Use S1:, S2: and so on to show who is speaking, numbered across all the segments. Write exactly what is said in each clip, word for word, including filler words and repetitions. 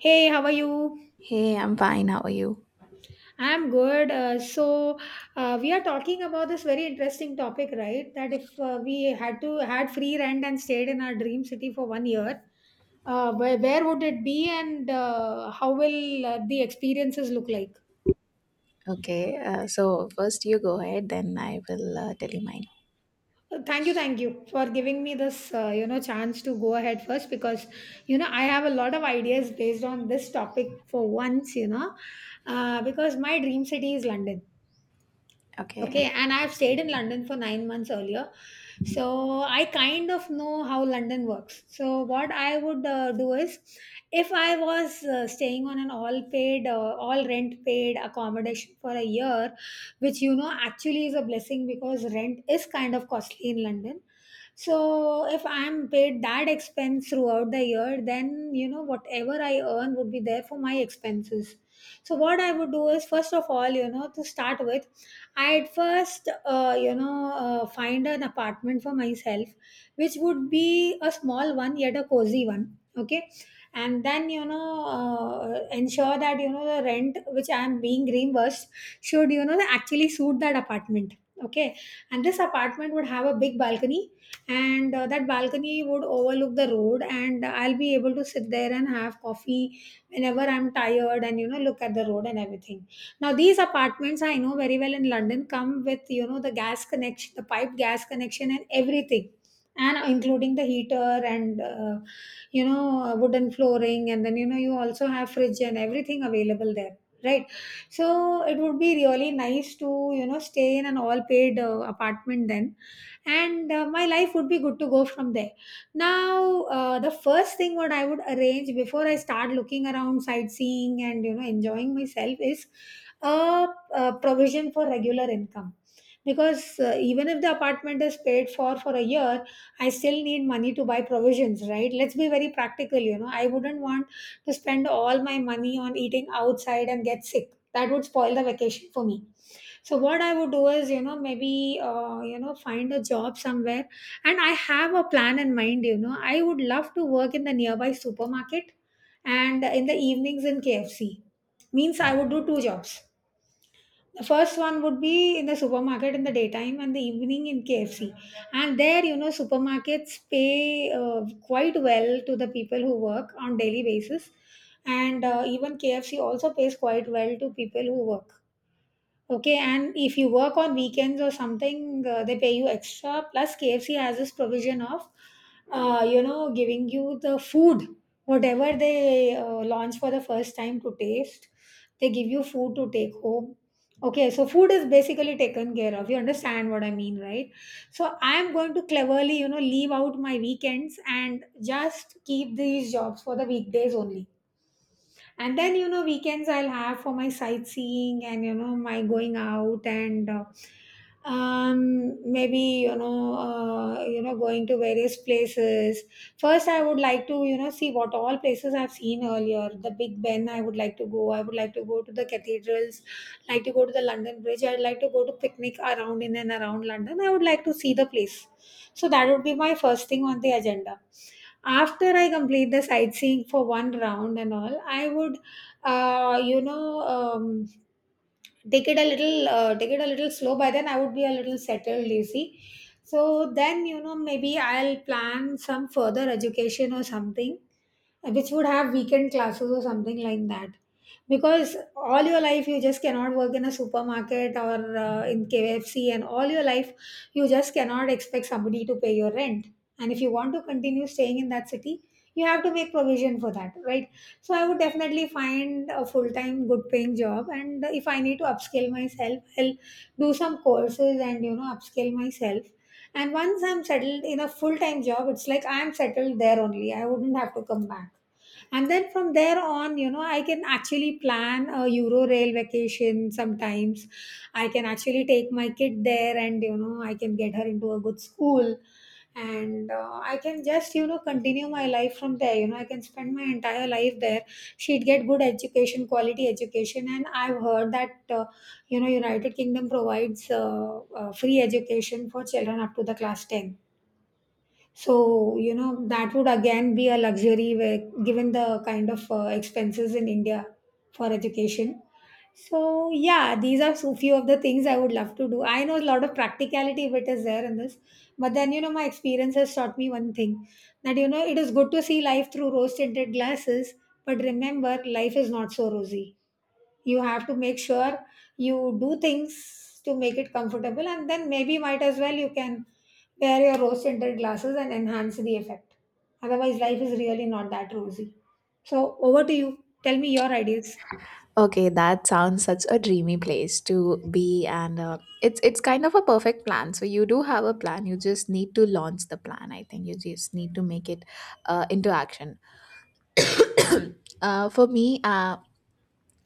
S1: Hey, how are you?
S2: Hey, I'm fine. How are you?
S1: I'm good. Uh, so uh, we are talking about this very interesting topic, right? That if uh, we had to had free rent and stayed in our dream city for one year, uh, where, where would it be, and uh, how will uh, the experiences look like?
S2: Okay, uh, so first you go ahead, then I will uh, tell you mine.
S1: Uh, Thank you, thank you for giving me this, uh, you know, chance to go ahead first because, you know, I have a lot of ideas based on this topic for once, you know, uh, because my dream city is London.
S2: Okay.
S1: Okay, and I've stayed in London for nine months earlier. So I kind of know how London works. So what I would uh, do is, if I was uh, staying on an all paid, uh, all rent paid accommodation for a year, which you know actually is a blessing because rent is kind of costly in London. So if I'm paid that expense throughout the year, then you know whatever I earn would be there for my expenses. So what I would do is, first of all, you know, to start with, I at first, uh, you know, uh, find an apartment for myself, which would be a small one yet a cozy one. Okay, and then you know, uh, ensure that you know the rent which I am being reimbursed should you know actually suit that apartment. Okay, and this apartment would have a big balcony, and uh, that balcony would overlook the road, and I'll be able to sit there and have coffee whenever I'm tired and you know look at the road and everything. Now these apartments, I know very well, in London come with you know the gas connection, the pipe gas connection, and everything, and including the heater and uh, you know wooden flooring, and then you know you also have fridge and everything available there, right? So it would be really nice to you know stay in an all paid uh, apartment then, and uh, my life would be good to go from there. Now uh, the first thing what I would arrange before I start looking around sightseeing and you know enjoying myself is a, a provision for regular income, because uh, even if the apartment is paid for for a year, I still need money to buy provisions, right? Let's be very practical. you know I wouldn't want to spend all my money on eating outside and get sick. That would spoil the vacation for me. So what I would do is, you know maybe uh, you know find a job somewhere. And I have a plan in mind. you know I would love to work in the nearby supermarket and in the evenings in KFC. Means I would do two jobs. The first one would be in the supermarket in the daytime and the evening in KFC. And there, you know supermarkets pay uh, quite well to the people who work on daily basis. And uh, even KFC also pays quite well to people who work. Okay, and if you work on weekends or something, uh, they pay you extra. Plus, K F C has this provision of, uh, you know, giving you the food, whatever they uh, launch for the first time to taste, they give you food to take home. Okay, so food is basically taken care of. You understand what I mean, right? So I'm going to cleverly, you know, leave out my weekends and just keep these jobs for the weekdays only. And then you know weekends I'll have for my sightseeing and you know my going out and uh, um maybe you know uh, you know going to various places. First I would like to you know see what all places I've seen earlier. The Big Ben I would like to go, I would like to go to the cathedrals, like to go to the London Bridge, I'd like to go to picnic around in and around London, I would like to see the place. So that would be my first thing on the agenda. After I complete the sightseeing for one round and all, I would uh, you know um, take it a little uh, take it a little slow. By then I would be a little settled, you see. So then you know maybe I'll plan some further education or something, which would have weekend classes or something like that, because all your life you just cannot work in a supermarket or uh, in K F C, and all your life you just cannot expect somebody to pay your rent. And if you want to continue staying in that city, you have to make provision for that, right? So I would definitely find a full time good paying job, and if I need to upskill myself, I'll do some courses and you know upskill myself. And once I'm settled in a full time job, it's like I'm settled there only, I wouldn't have to come back. And then from there on, you know I can actually plan a euro rail vacation sometimes. I can actually take my kid there, and you know I can get her into a good school. And uh, I can just you know continue my life from there. you know I can spend my entire life there. She'd get good education, quality education. And I've heard that uh, you know United Kingdom provides uh, uh, free education for children up to the class ten. So, you know, that would again be a luxury where, given the kind of uh, expenses in India for education. So, yeah, these are so few of the things I would love to do. I know a lot of practicality of it is there in this, but then, you know, my experience has taught me one thing: that, you know, it is good to see life through rose tinted glasses, but remember, life is not so rosy. You have to make sure you do things to make it comfortable, and then maybe might as well you can wear your rose tinted glasses and enhance the effect. Otherwise life is really not that rosy. So over to you, tell me your ideas.
S2: Okay, that sounds such a dreamy place to be, and uh, it's it's kind of a perfect plan. So you do have a plan. You just need to launch the plan. I think you just need to make it uh, into action. Uh, for me, uh,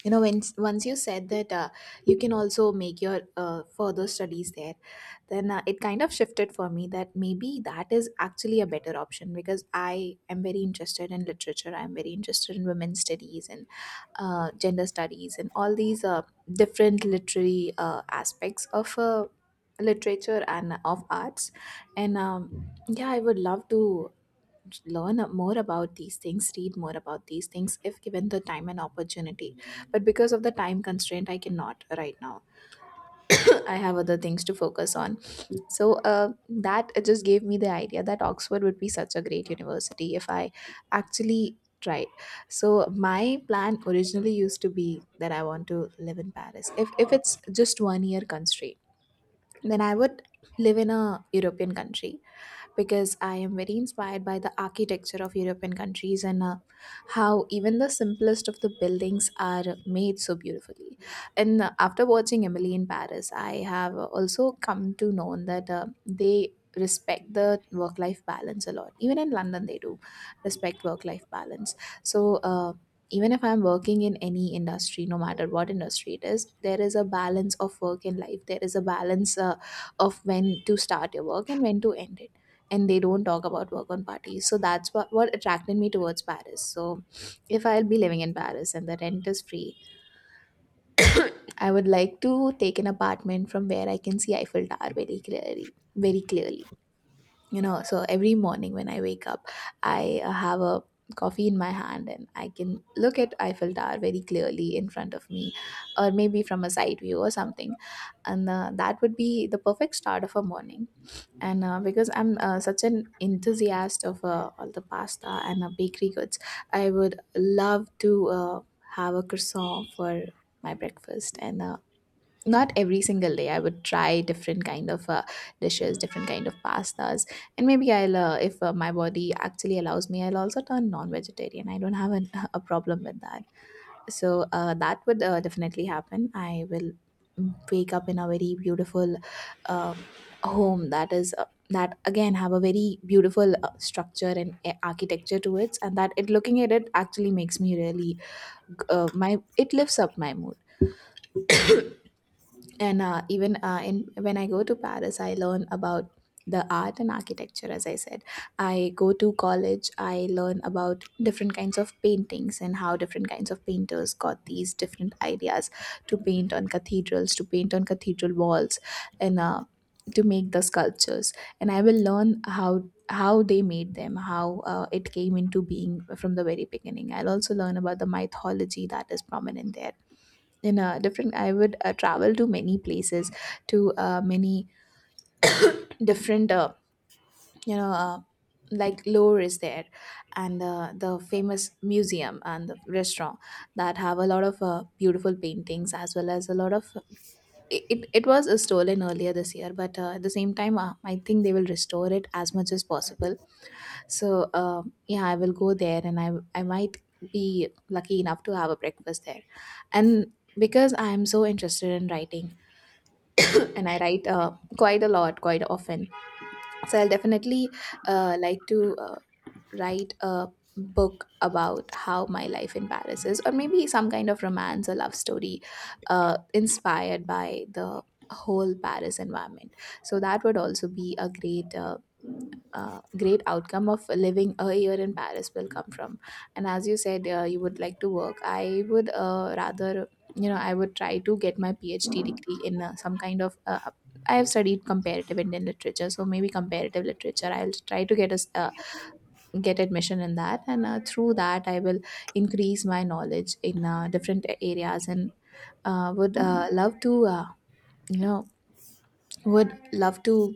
S2: You know, when, once you said that uh, you can also make your uh, further studies there, then uh, it kind of shifted for me that maybe that is actually a better option because I am very interested in literature. I'm very interested in women's studies and uh, gender studies and all these uh, different literary uh, aspects of uh, literature and of arts. And um, yeah, I would love to learn more about these things, read more about these things if given the time and opportunity, but because of the time constraint I cannot right now. I have other things to focus on. So uh, that just gave me the idea that Oxford would be such a great university if I actually tried. So my plan originally used to be that I want to live in Paris. If if it's just one year constraint, then I would live in a European country because I am very inspired by the architecture of European countries and uh, how even the simplest of the buildings are made so beautifully. And uh, after watching Emily in Paris, I have uh, also come to know that uh, they respect the work life balance a lot. Even in London, they do respect work life balance. So, uh, even if I'm working in any industry, no matter what industry it is, there is a balance of work and life. There is a balance uh, of when to start your work and when to end it, and they don't talk about work on parties. So that's what, what attracted me towards Paris. So if I'll be living in Paris and the rent is free, I would like to take an apartment from where I can see Eiffel Tower very clearly, very clearly. You know, so every morning when I wake up, I uh, have a coffee in my hand and I can look at Eiffel Tower very clearly in front of me, or maybe from a side view or something. And uh, that would be the perfect start of a morning. And uh, because I'm uh, such an enthusiast of uh, all the pasta and uh, bakery goods, I would love to uh, have a croissant for my breakfast. And uh, not every single day, I would try different kind of uh, dishes, different kind of pastas. And maybe I'll uh, if uh, my body actually allows me, I'll also turn non-vegetarian. I don't have an, a problem with that. So uh, that would uh, definitely happen. I will wake up in a very beautiful um home that is uh, that again have a very beautiful uh, structure and a- architecture to it, and that it, looking at it actually makes me really g- uh, my it lifts up my mood. And uh, even uh, in when I go to Paris, I learn about the art and architecture. As I said, I go to college, I learn about different kinds of paintings and how different kinds of painters got these different ideas to paint on cathedrals, to paint on cathedral walls, and uh, to make the sculptures. And I will learn how how they made them, how uh, it came into being from the very beginning. I'll also learn about the mythology that is prominent there. In a different I would uh, travel to many places, to uh, many different uh, you know uh, like lore is there. And uh, the famous museum and the restaurant that have a lot of uh, beautiful paintings, as well as a lot of it, it it was uh, stolen earlier this year, but uh, at the same time, uh, I think they will restore it as much as possible. So uh, yeah, I will go there, and i i might be lucky enough to have a breakfast there. And because I am so interested in writing, and I write uh, quite a lot, quite often. So I'll definitely uh, like to uh, write a book about how my life in Paris is, or maybe some kind of romance or love story uh, inspired by the whole Paris environment. So that would also be a great uh, uh, great outcome of living a year in Paris will come from. And as you said, uh, you would like to work. I would uh, rather, you know, I would try to get my PhD degree in uh, some kind of. Uh, I have studied comparative Indian literature, so maybe comparative literature. I'll try to get a s- uh, get admission in that, and uh, through that, I will increase my knowledge in uh, different areas, and uh, would uh, love to, uh, you know, would love to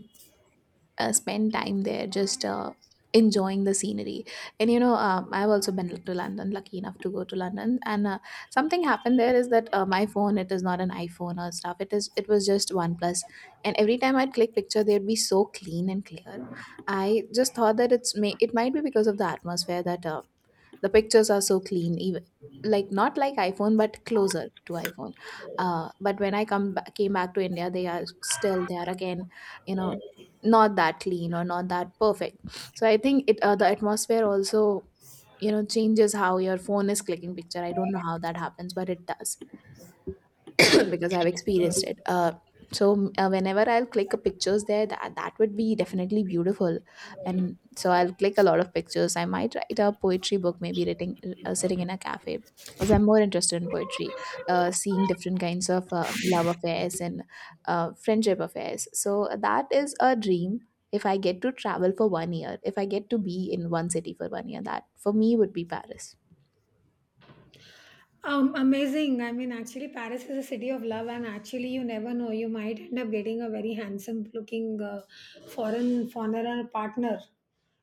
S2: uh, spend time there just uh, enjoying the scenery. And you know, um, I've also been to London, lucky enough to go to London. And uh, something happened there is that uh, my phone, it is not an iPhone or stuff, it is it was just OnePlus. And every time I'd click picture, they'd be so clean and clear. I just thought that it's may it might be because of the atmosphere that uh, the pictures are so clean, even like not like iPhone but closer to iPhone. Uh, but when I come ba- came back to India, they are still, they are again, you know, not that clean or not that perfect. So I think it uh, the atmosphere also, you know, changes how your phone is clicking picture. I don't know how that happens, but it does. Because I've experienced it. Uh, so uh, whenever I'll click a pictures there, that that would be definitely beautiful, and so I'll click a lot of pictures. I might write a poetry book, maybe writing uh, sitting in a cafe, because I'm more interested in poetry, uh, seeing different kinds of uh, love affairs and uh, friendship affairs. So that is a dream. If I get to travel for one year, if I get to be in one city for one year, that for me would be Paris.
S1: Um, amazing. I mean, actually, Paris is a city of love, and actually, you never know. You might end up getting a very handsome looking uh, foreign foreigner partner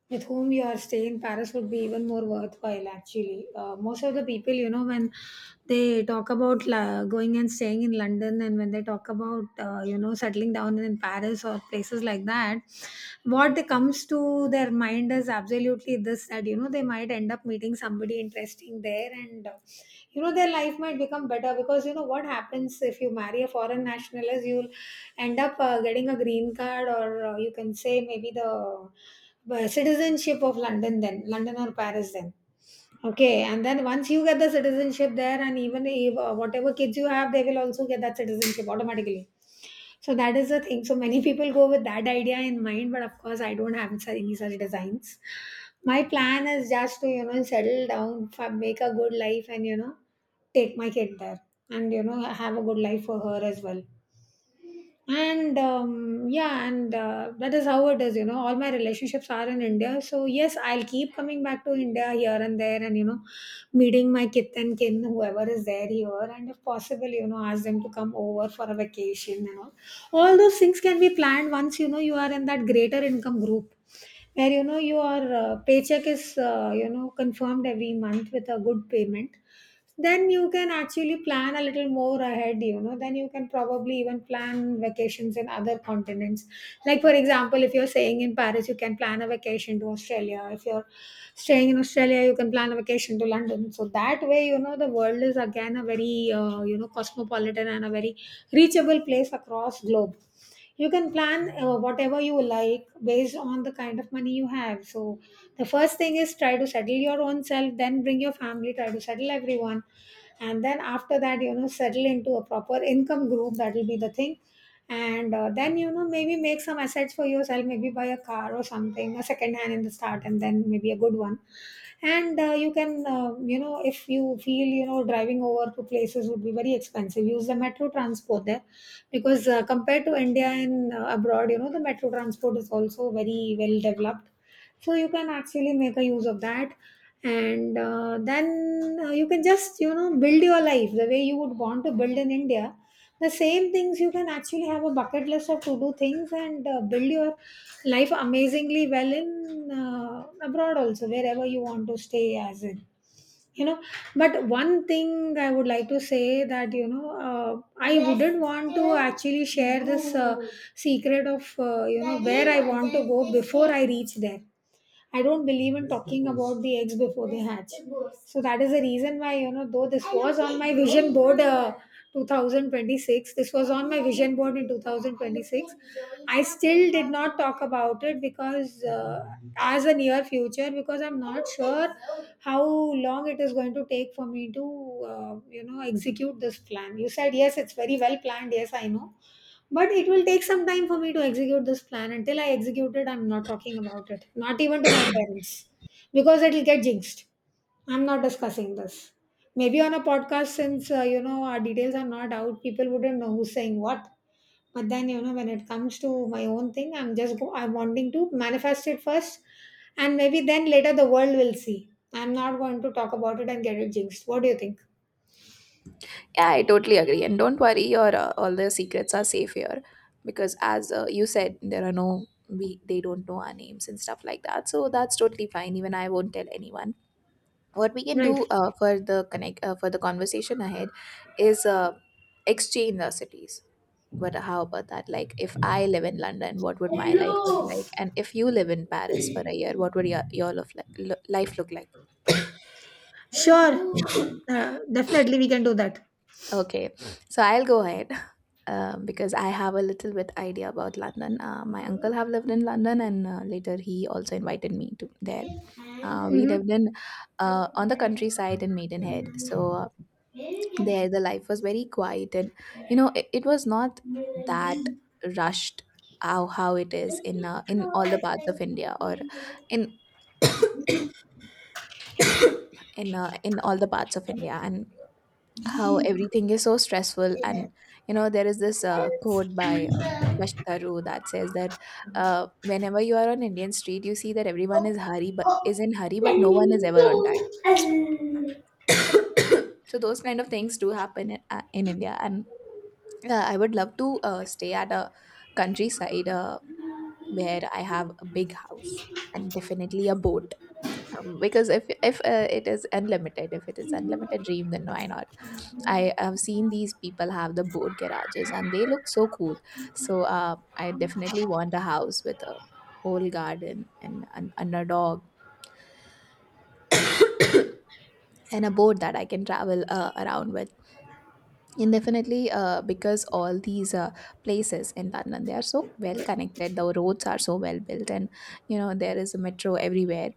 S1: with whom your stay in Paris would be even more worthwhile, actually. Uh, most of the people, you know, when they talk about la- going and staying in London, and when they talk about, uh, you know, settling down in Paris, hotels or places like that, what they comes to their mind is absolutely this, that you know they might end up meeting somebody interesting there. And uh, you know their life might become better, because you know what happens if you marry a foreign national is, you'll end up uh, getting a green card, or uh, you can say, maybe the uh, citizenship of London then, London or Paris then. Okay, and then once you get the citizenship there, and even if uh, whatever kids you have, they will also get that citizenship automatically. So that is the thing. So many people go with that idea in mind, but of course, I don't have su- any such designs. My plan is just to you know settle down, fa- make a good life, and you know take my kid there, and you know have a good life for her as well. And um, yeah, and uh, that is how it is. you know all my relationships are in India, so yes, I'll keep coming back to India here and there, and you know meeting my kith and kin whoever is there here, and if possible, you know ask them to come over for a vacation and all. All those things can be planned once you know you are in that greater income group, where you know your uh, paycheck is uh, you know confirmed every month with a good payment. Then you can actually plan a little more ahead. you know then you can probably even plan vacations in other continents, like for example, if you're staying in Paris you can plan a vacation to Australia, if you're staying in Australia you can plan a vacation to London. So that way, you know the world is again a very uh, you know cosmopolitan and a very reachable place across globe. You can plan uh, whatever you like based on the kind of money you have. So the first thing is, try to settle your own self, then bring your family, try to settle everyone, and then after that, you know settle into a proper income group. That will be the thing. And uh, then you know maybe make some assets for yourself, maybe buy a car or something, a second hand in the start, and then maybe a good one. And uh, you can uh, you know if you feel you know driving over to places would be very expensive. Use the metro transport there because uh, compared to India and uh, abroad you know the metro transport is also very well developed. So you can actually make a use of that. And uh, then uh, you can just you know build your life the way you would want to build in India. The same things, you can actually have a bucket list of to do things, and uh, build your life amazingly well in uh, abroad also, wherever you want to stay, as in, you know but one thing I would like to say, that you know uh, I wouldn't want to actually share this uh, secret of uh, you know where I want to go before I reach there. I don't believe in talking about the eggs before they hatch. So that is the reason why, you know, though this was on my vision board, uh, twenty twenty-six, this was on my vision board in twenty twenty-six, I still did not talk about it because, uh, as a near future. Because I'm not sure how long it is going to take for me to, uh, you know, execute this plan. You said, yes, it's very well planned. Yes, I know, but it will take some time for me to execute this plan. Until I execute it, I'm not talking about it. Not even to my parents. Because it'll get jinxed. I'm not discussing this. Maybe on a podcast, since uh, you know our details are not out, people wouldn't know who's saying what. But then, you know when it comes to my own thing, I'm just go- I'm wanting to manifest it first, and maybe then later the world will see. I'm not going to talk about it and get it jinxed. What do you think?
S2: Yeah, I totally agree. And don't worry, your uh, all the secrets are safe here because, as uh, you said, there are no we, they don't know our names and stuff like that. So that's totally fine. Even I won't tell anyone. What we can
S1: Right.
S2: do uh, for the connect uh, for the conversation ahead is uh, exchange our cities. But how about that? Like, if I live in London, what would my life look like? And if you live in Paris for a year, what would your, your lof- lo- life look like?
S1: Sure. Uh, definitely, we can do that.
S2: Okay, so I'll go ahead. Um, because I have a little bit idea about London. Uh, my uncle have lived in London, and uh, later he also invited me to there. Uh, we
S1: Hmm.
S2: lived in uh, On the countryside in Maidenhead, so uh, there the life was very quiet, and you know it, it was not that rushed, how how it is in uh, in all the parts of India, or in in uh, in all the parts of India, and how everything is so stressful. And you know, there is this uh, quote by uh, Shashi Tharoor that says that uh, whenever you are on Indian street, you see that everyone is hurry but is in hurry, but no one is ever on time. So those kind of things do happen in, uh, in India. And uh, I would love to uh, stay at a countryside uh, where I have a big house and definitely a boat, um, because if if uh, it is unlimited, if it is unlimited dream, then why not. I have seen these people have the boat garages and they look so cool. So uh, I definitely want a house with a whole garden, and, and, and a dog, and a boat that I can travel uh, around with. And definitely uh, because all these uh, places in London, they are so well connected. The roads are so well built, and you know, there is a metro everywhere.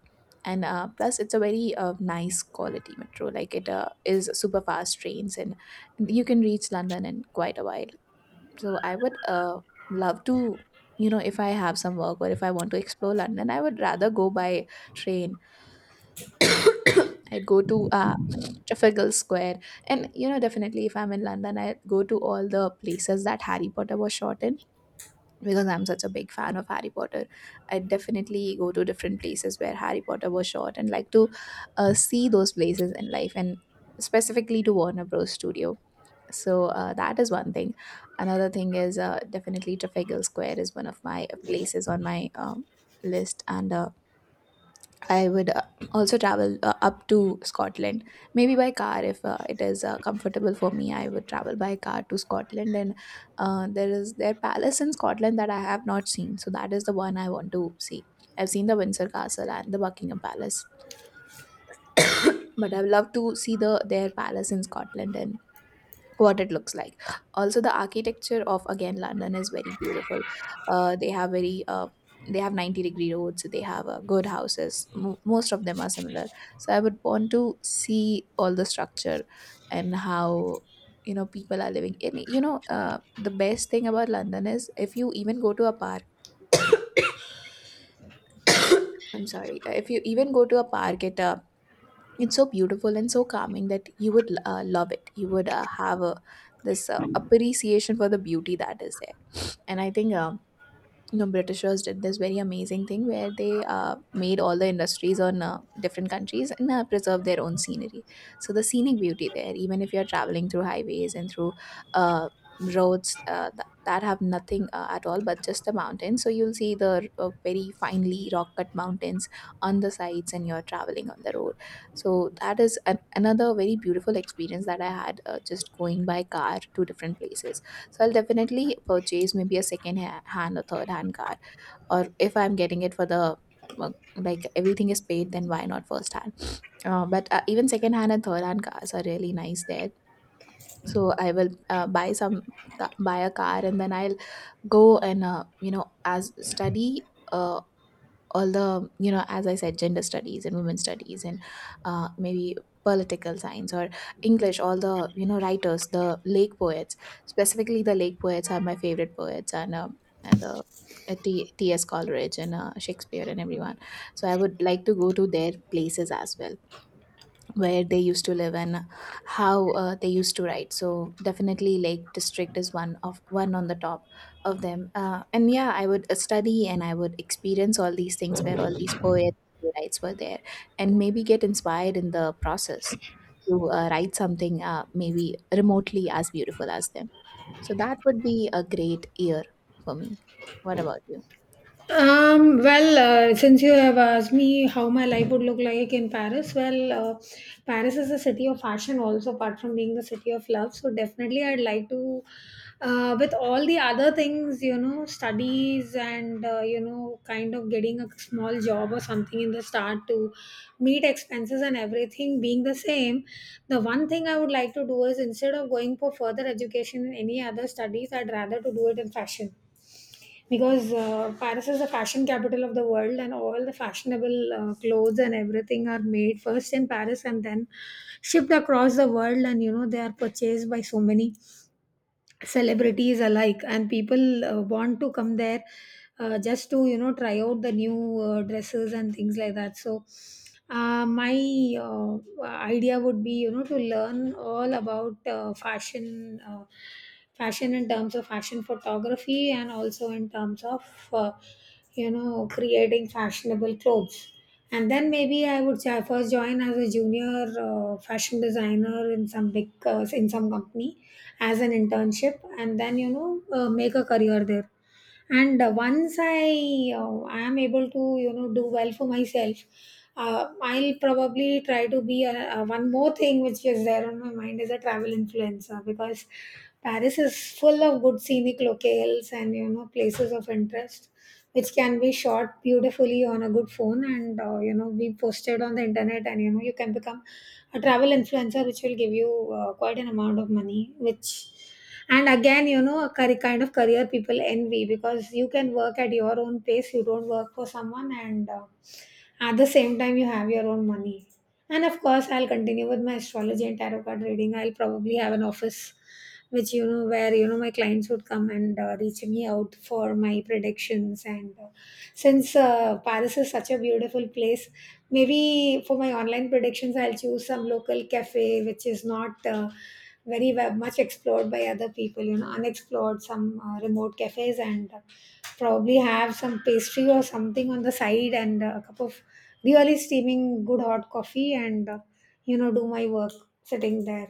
S2: And uh, plus, it's a very uh, nice quality metro. Like it uh, is super fast trains, and you can reach London in quite a while, so I would uh, love to, you know if I have some work or if I want to explore London, I would rather go by train. I'd go to uh, Trafalgar Square. And you know, definitely if I'm in London, I would go to all the places that Harry Potter was shot in because I'm such a big fan of Harry Potter. I would definitely go to different places where Harry Potter was shot and like to uh, see those places in life, and specifically to Warner Bros Studio. So uh, that is one thing. Another thing is, uh, definitely Trafalgar Square is one of my places on my um, list. And uh, I would uh, also travel uh, up to Scotland. Maybe by car, if uh, it is uh, comfortable for me, I would travel by car to Scotland. And uh, there is their palace in Scotland that I have not seen, so that is the one I want to see. I've seen the Windsor Castle and the Buckingham Palace, but I would love to see the their palace in Scotland and what it looks like. Also, the architecture of again London is very beautiful. Uh, they have very uh, they have ninety degree roads. They have uh, good houses. Mo most of them are similar. So I would want to see all the structure and how, you know, people are living. And you know, uh, the best thing about London is if you even go to a park. I'm sorry. uh, If you even go to a park, it uh, it's so beautiful and so calming that you would uh, love it. You would uh, have a this uh, appreciation for the beauty that is there. And I think uh, you know, Britishers did this very amazing thing where they uh, made all the industries on uh, different countries and uh, preserved their own scenery. So the scenic beauty there, even if you're traveling through highways and through uh, roads uh, th- that have nothing uh, at all but just the mountains, so you'll see the uh, very finely rock cut mountains on the sides, and you're traveling on the road. So that is an, another very beautiful experience that I had, uh, just going by car to different places. So I'll definitely purchase maybe a second ha- hand or third hand car. Or if I'm getting it for the uh, like everything is paid, then why not first hand? Uh, but uh, even second hand and third hand cars are really nice there. So I will uh, buy some buy a car, and then I'll go and uh, you know, as study. Uh, all the you know, as I said, gender studies and women studies and uh, maybe political science or English, all the you know, writers, the lake poets, specifically the lake poets are my favorite poets. And um, and the uh, T- T.S. Coleridge and uh, Shakespeare and everyone. So I would like to go to their places as well, where they used to live, and how uh, they used to write. So definitely Lake District is one of one on the top of them. Uh, and yeah, I would uh, study, and I would experience all these things where all these poets and playwrights were there, and maybe get inspired in the process to uh, write something, uh, maybe remotely as beautiful as them. So that would be a great year for me. What about you?
S1: Um, well, uh, since you have asked me how my life would look like in Paris, well, uh, Paris is a city of fashion also, apart from being the city of love. So, definitely, I'd like to, uh, with all the other things, you know, studies, and, uh, you know, kind of getting a small job or something in the start to meet expenses, and everything being the same. The one thing I would like to do is, instead of going for further education in any other studies, I'd rather to do it in fashion, because uh, Paris is the fashion capital of the world, and all the fashionable uh, clothes and everything are made first in Paris and then shipped across the world. And you know, they are purchased by so many celebrities alike, and people uh, want to come there uh, just to you know try out the new uh, dresses and things like that. So uh, my uh, idea would be, you know to learn all about uh, fashion uh, fashion in terms of fashion photography, and also in terms of uh, you know creating fashionable clothes. And then maybe I would say, I first join as a junior uh, fashion designer in some big, uh, in some company as an internship, and then you know uh, make a career there. And uh, once i uh, i am able to you know do well for myself, uh, I'll probably try to be a, a one more thing which is there on my mind is a travel influencer. Because Paris is full of good scenic locales and you know places of interest, which can be shot beautifully on a good phone and uh, you know be posted on the internet, and you know you can become a travel influencer, which will give you uh, quite an amount of money, which — and again, you know a curry kind of career people envy, because you can work at your own pace, you don't work for someone, and uh, at the same time, you have your own money. And of course, I'll continue with my astrology and tarot card reading. I'll probably have an office, which you know, where you know my clients would come and uh, reach me out for my predictions. And uh, since uh, Paris is such a beautiful place, maybe for my online predictions, I'll choose some local cafe which is not. Uh, very well, much explored by other people, you know, unexplored, some uh, remote cafes, and uh, probably have some pastry or something on the side, and uh, a cup of really steaming good hot coffee, and uh, you know do my work sitting there.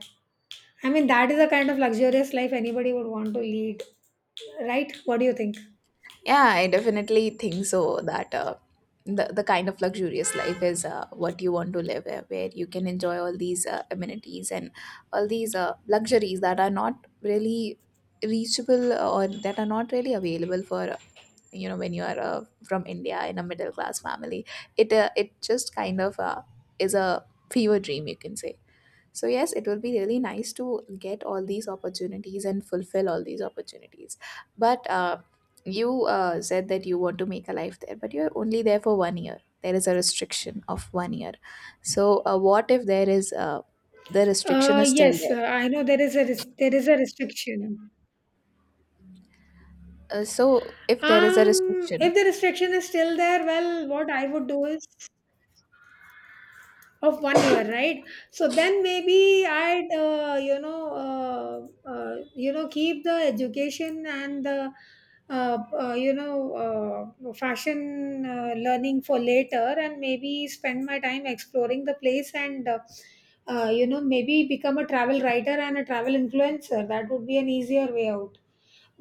S1: I mean, that is the kind of luxurious life anybody would want to lead, right? What do you think?
S2: Yeah, I definitely think so that uh, the, the kind of luxurious life is uh, what you want to live, uh, where you can enjoy all these uh, amenities and all these uh, luxuries that are not really reachable, or that are not really available for, uh, you know, when you are uh, from India in a middle class family. It uh, it just kind of uh, is a fever dream, you can say. So yes, it will be really nice to get all these opportunities and fulfill all these opportunities. But uh, you uh, said that you want to make a life there, but you're only there for one year. There is a restriction of one year. So uh, what if there is uh, the restriction
S1: Uh,
S2: is still
S1: yes, uh,
S2: there?
S1: I know there is a res- there is a restriction.
S2: Uh, so, if there is a
S1: Um, if
S2: restriction,
S1: the restriction is still there, well, what I would do is — of one year, right? So then maybe i'd uh, you know uh, uh, you know keep the education and the uh, uh, you know uh, fashion uh, learning for later, and maybe spend my time exploring the place, and uh, uh, you know maybe become a travel writer and a travel influencer. That would be an easier way out.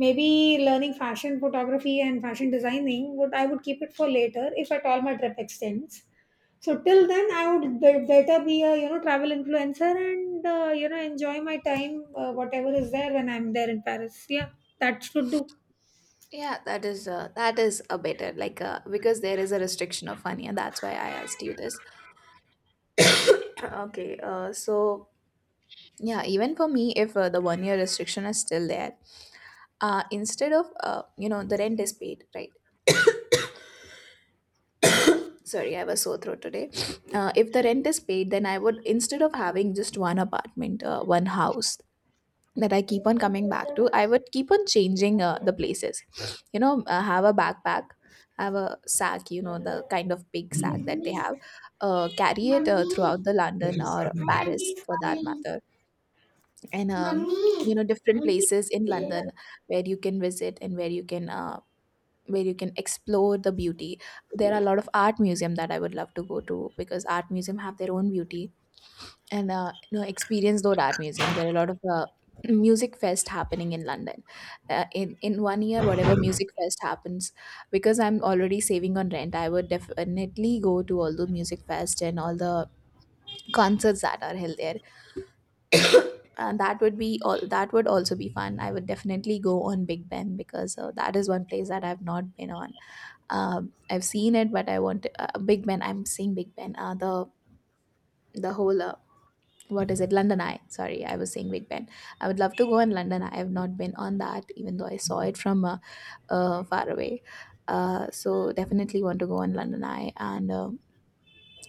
S1: Maybe learning fashion photography and fashion designing, would i would keep it for later if at all my trip extends. So till then, I would be- better be a you know travel influencer, and uh, you know enjoy my time, uh, whatever is there when I'm there in Paris. Yeah, that should do.
S2: yeah, that is uh, that is a better, like uh, because there is a restriction of one year. That's why I asked you this. Okay, uh, so yeah, even for me, if uh, the one year restriction is still there, uh, instead of uh, you know, the rent is paid, right? Sorry, I was so throat today. Uh, if the rent is paid, then I would, instead of having just one apartment, uh, one house that I keep on coming back to, I would keep on changing uh, the places. You know, uh, have a backpack, have a sack, you know, the kind of big sack that they have. Uh, carry it uh, throughout the London or Paris, for that matter. And uh, you know, different places in London where you can visit and where you can uh, where you can explore the beauty. There are a lot of art museum that I would love to go to, because art museum have their own beauty. And uh, you know, experience those art museum. There are a lot of uh, music fest happening in London, uh, in in one year, whatever music fest happens, because I'm already saving on rent, I would definitely go to all the music fest and all the concerts that are held there. And that would be all, that would also be fun. I would definitely go on Big Ben, because uh, that is one place that I've not been on. um, I've seen it, but I want uh, Big Ben. I'm saying Big Ben. Uh, the the whole uh, what is it? London Eye. Sorry, I was saying Big Ben. I would love to go in London Eye. I have not been on that, even though I saw it from uh, uh, far away. Uh, so definitely want to go on London Eye. And. Uh,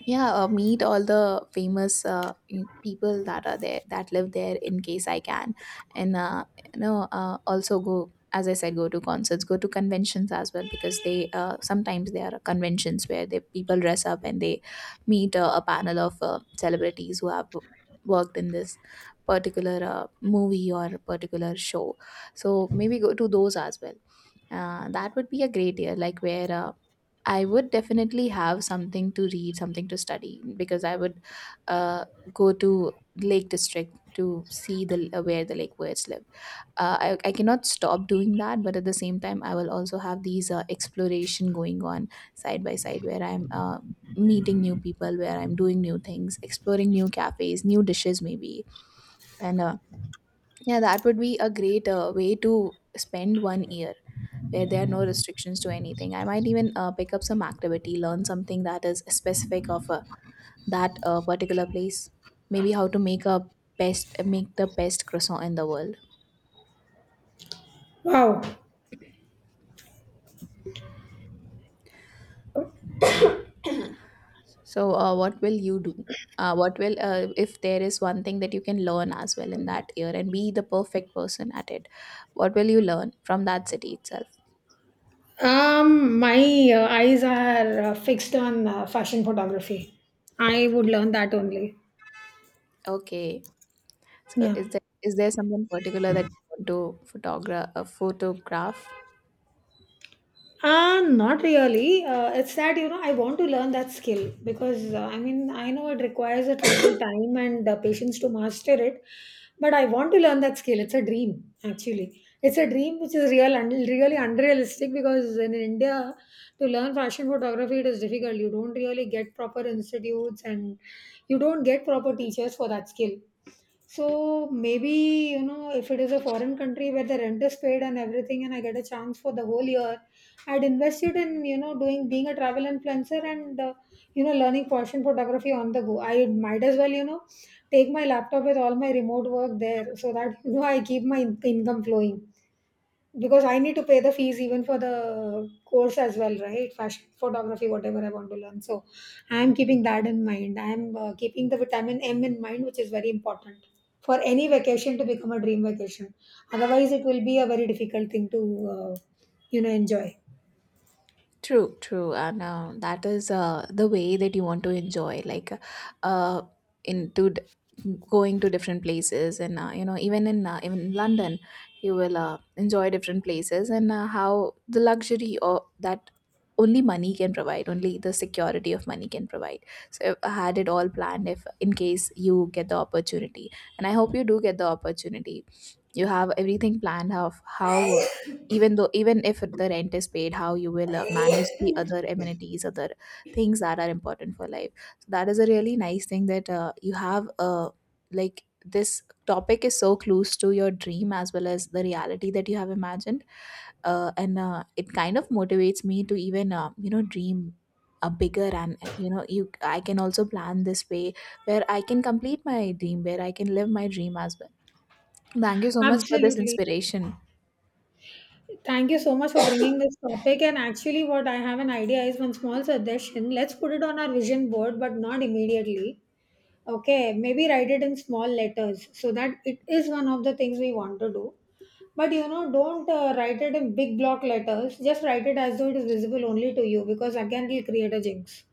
S2: yeah, uh, meet all the famous uh, in- people that are there, that live there, in case I can. And uh, you know, uh, also go, as I said, go to concerts, go to conventions as well, because they uh, sometimes there are conventions where the people dress up, and they meet uh, a panel of uh, celebrities who have worked in this particular uh, movie or particular show. So maybe go to those as well. Uh, that would be a great year, like, where uh, I would definitely have something to read, something to study, because I would uh, go to Lake District to see the uh, where the lake birds live. Uh, I, I cannot stop doing that, but at the same time, I will also have these uh, exploration going on side by side, where I'm uh, meeting new people, where I'm doing new things, exploring new cafes, new dishes, maybe. And uh, yeah, that would be a great uh, way to spend one year, where there are no restrictions to anything. I might even uh, pick up some activity, learn something that is specific of uh, that uh, particular place. Maybe how to make a best make the best croissant in the world.
S1: Wow.
S2: So uh, what will you do? Uh, what will uh, if there is one thing that you can learn as well in that year and be the perfect person at it? What will you learn from that city itself?
S1: Um, my uh, eyes are uh, fixed on uh, fashion photography. I would learn that only.
S2: Okay. So,
S1: Yeah.
S2: is there, is there something particular that you want to photograph, uh, photograph?
S1: Uh, not really. Uh, it's that, you know, I want to learn that skill, because uh, I mean, I know it requires a little time and uh, patience to master it, but I want to learn that skill. It's a dream, actually. It's a dream which is real and really unrealistic, because in India, to learn fashion photography, it is difficult. You don't really get proper institutes, and you don't get proper teachers for that skill. So maybe, you know, if it is a foreign country where the rent is paid and everything, and I get a chance for the whole year, I'd invested in you know doing, being a travel influencer, and uh, you know learning fashion photography on the go. I might as well you know take my laptop with all my remote work there, so that you know I keep my in- income flowing, because I need to pay the fees even for the course as well, right? Fashion photography, whatever I want to learn. So I'm keeping that in mind. I'm uh, keeping the vitamin M in mind, which is very important for any vacation to become a dream vacation. Otherwise, it will be a very difficult thing to uh, you know enjoy.
S2: True, true. And uh, that is uh, the way that you want to enjoy, like uh, into d- going to different places. And uh, you know, even in uh, even in London, you will uh, enjoy different places. And uh, how the luxury or that only money can provide, only the security of money can provide. So I had it all planned, if in case you get the opportunity, and I hope you do get the opportunity. You have everything planned of how uh, even though even if the rent is paid, how you will uh, manage the other amenities, other things that are important for life. So that is a really nice thing that uh, you have uh, like this topic is so close to your dream as well as the reality that you have imagined. Uh, and uh, It kind of motivates me to even uh, you know, dream a bigger. And uh, you know you I can also plan this way, where I can complete my dream, where I can live my dream as well. Thank you so much for this
S1: Absolutely.
S2: inspiration.
S1: Thank you so much for bringing this topic. And actually, what I have, an idea, is one small suggestion. Let's put it on our vision board, but not immediately. Okay, maybe write it in small letters so that it is one of the things we want to do. But you know, don't uh, write it in big block letters. Just write it as though it is visible only to you, because again, it will create a jinx.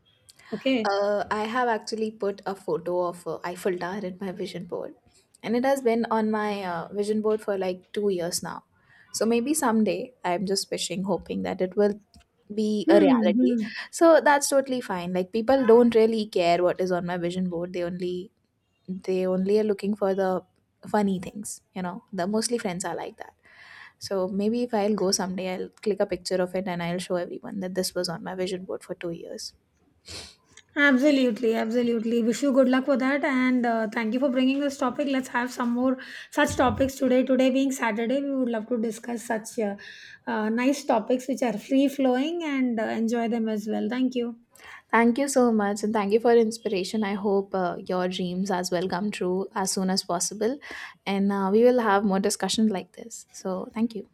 S1: Okay.
S2: Uh, I have actually put a photo of uh, Eiffel Tower in my vision board, and it has been on my uh, vision board for like two years now. So maybe someday, I'm just wishing, hoping that it will be a
S1: Hmm.
S2: reality.
S1: Hmm.
S2: So that's totally fine. Like, people don't really care what is on my vision board. They only they only are looking for the funny things. You know, the mostly friends are like that. So maybe if I'll go someday, I'll click a picture of it and I'll show everyone that this was on my vision board for two years.
S1: Absolutely, absolutely. Wish you good luck for that, and uh, thank you for bringing this topic. Let's have some more such topics today. Today being Saturday, we would love to discuss such uh, uh, nice topics which are free flowing, and uh, enjoy them as well. Thank you.
S2: Thank you so much, and thank you for your inspiration. I hope uh, your dreams as well come true as soon as possible, and uh, we will have more discussions like this. So, thank you.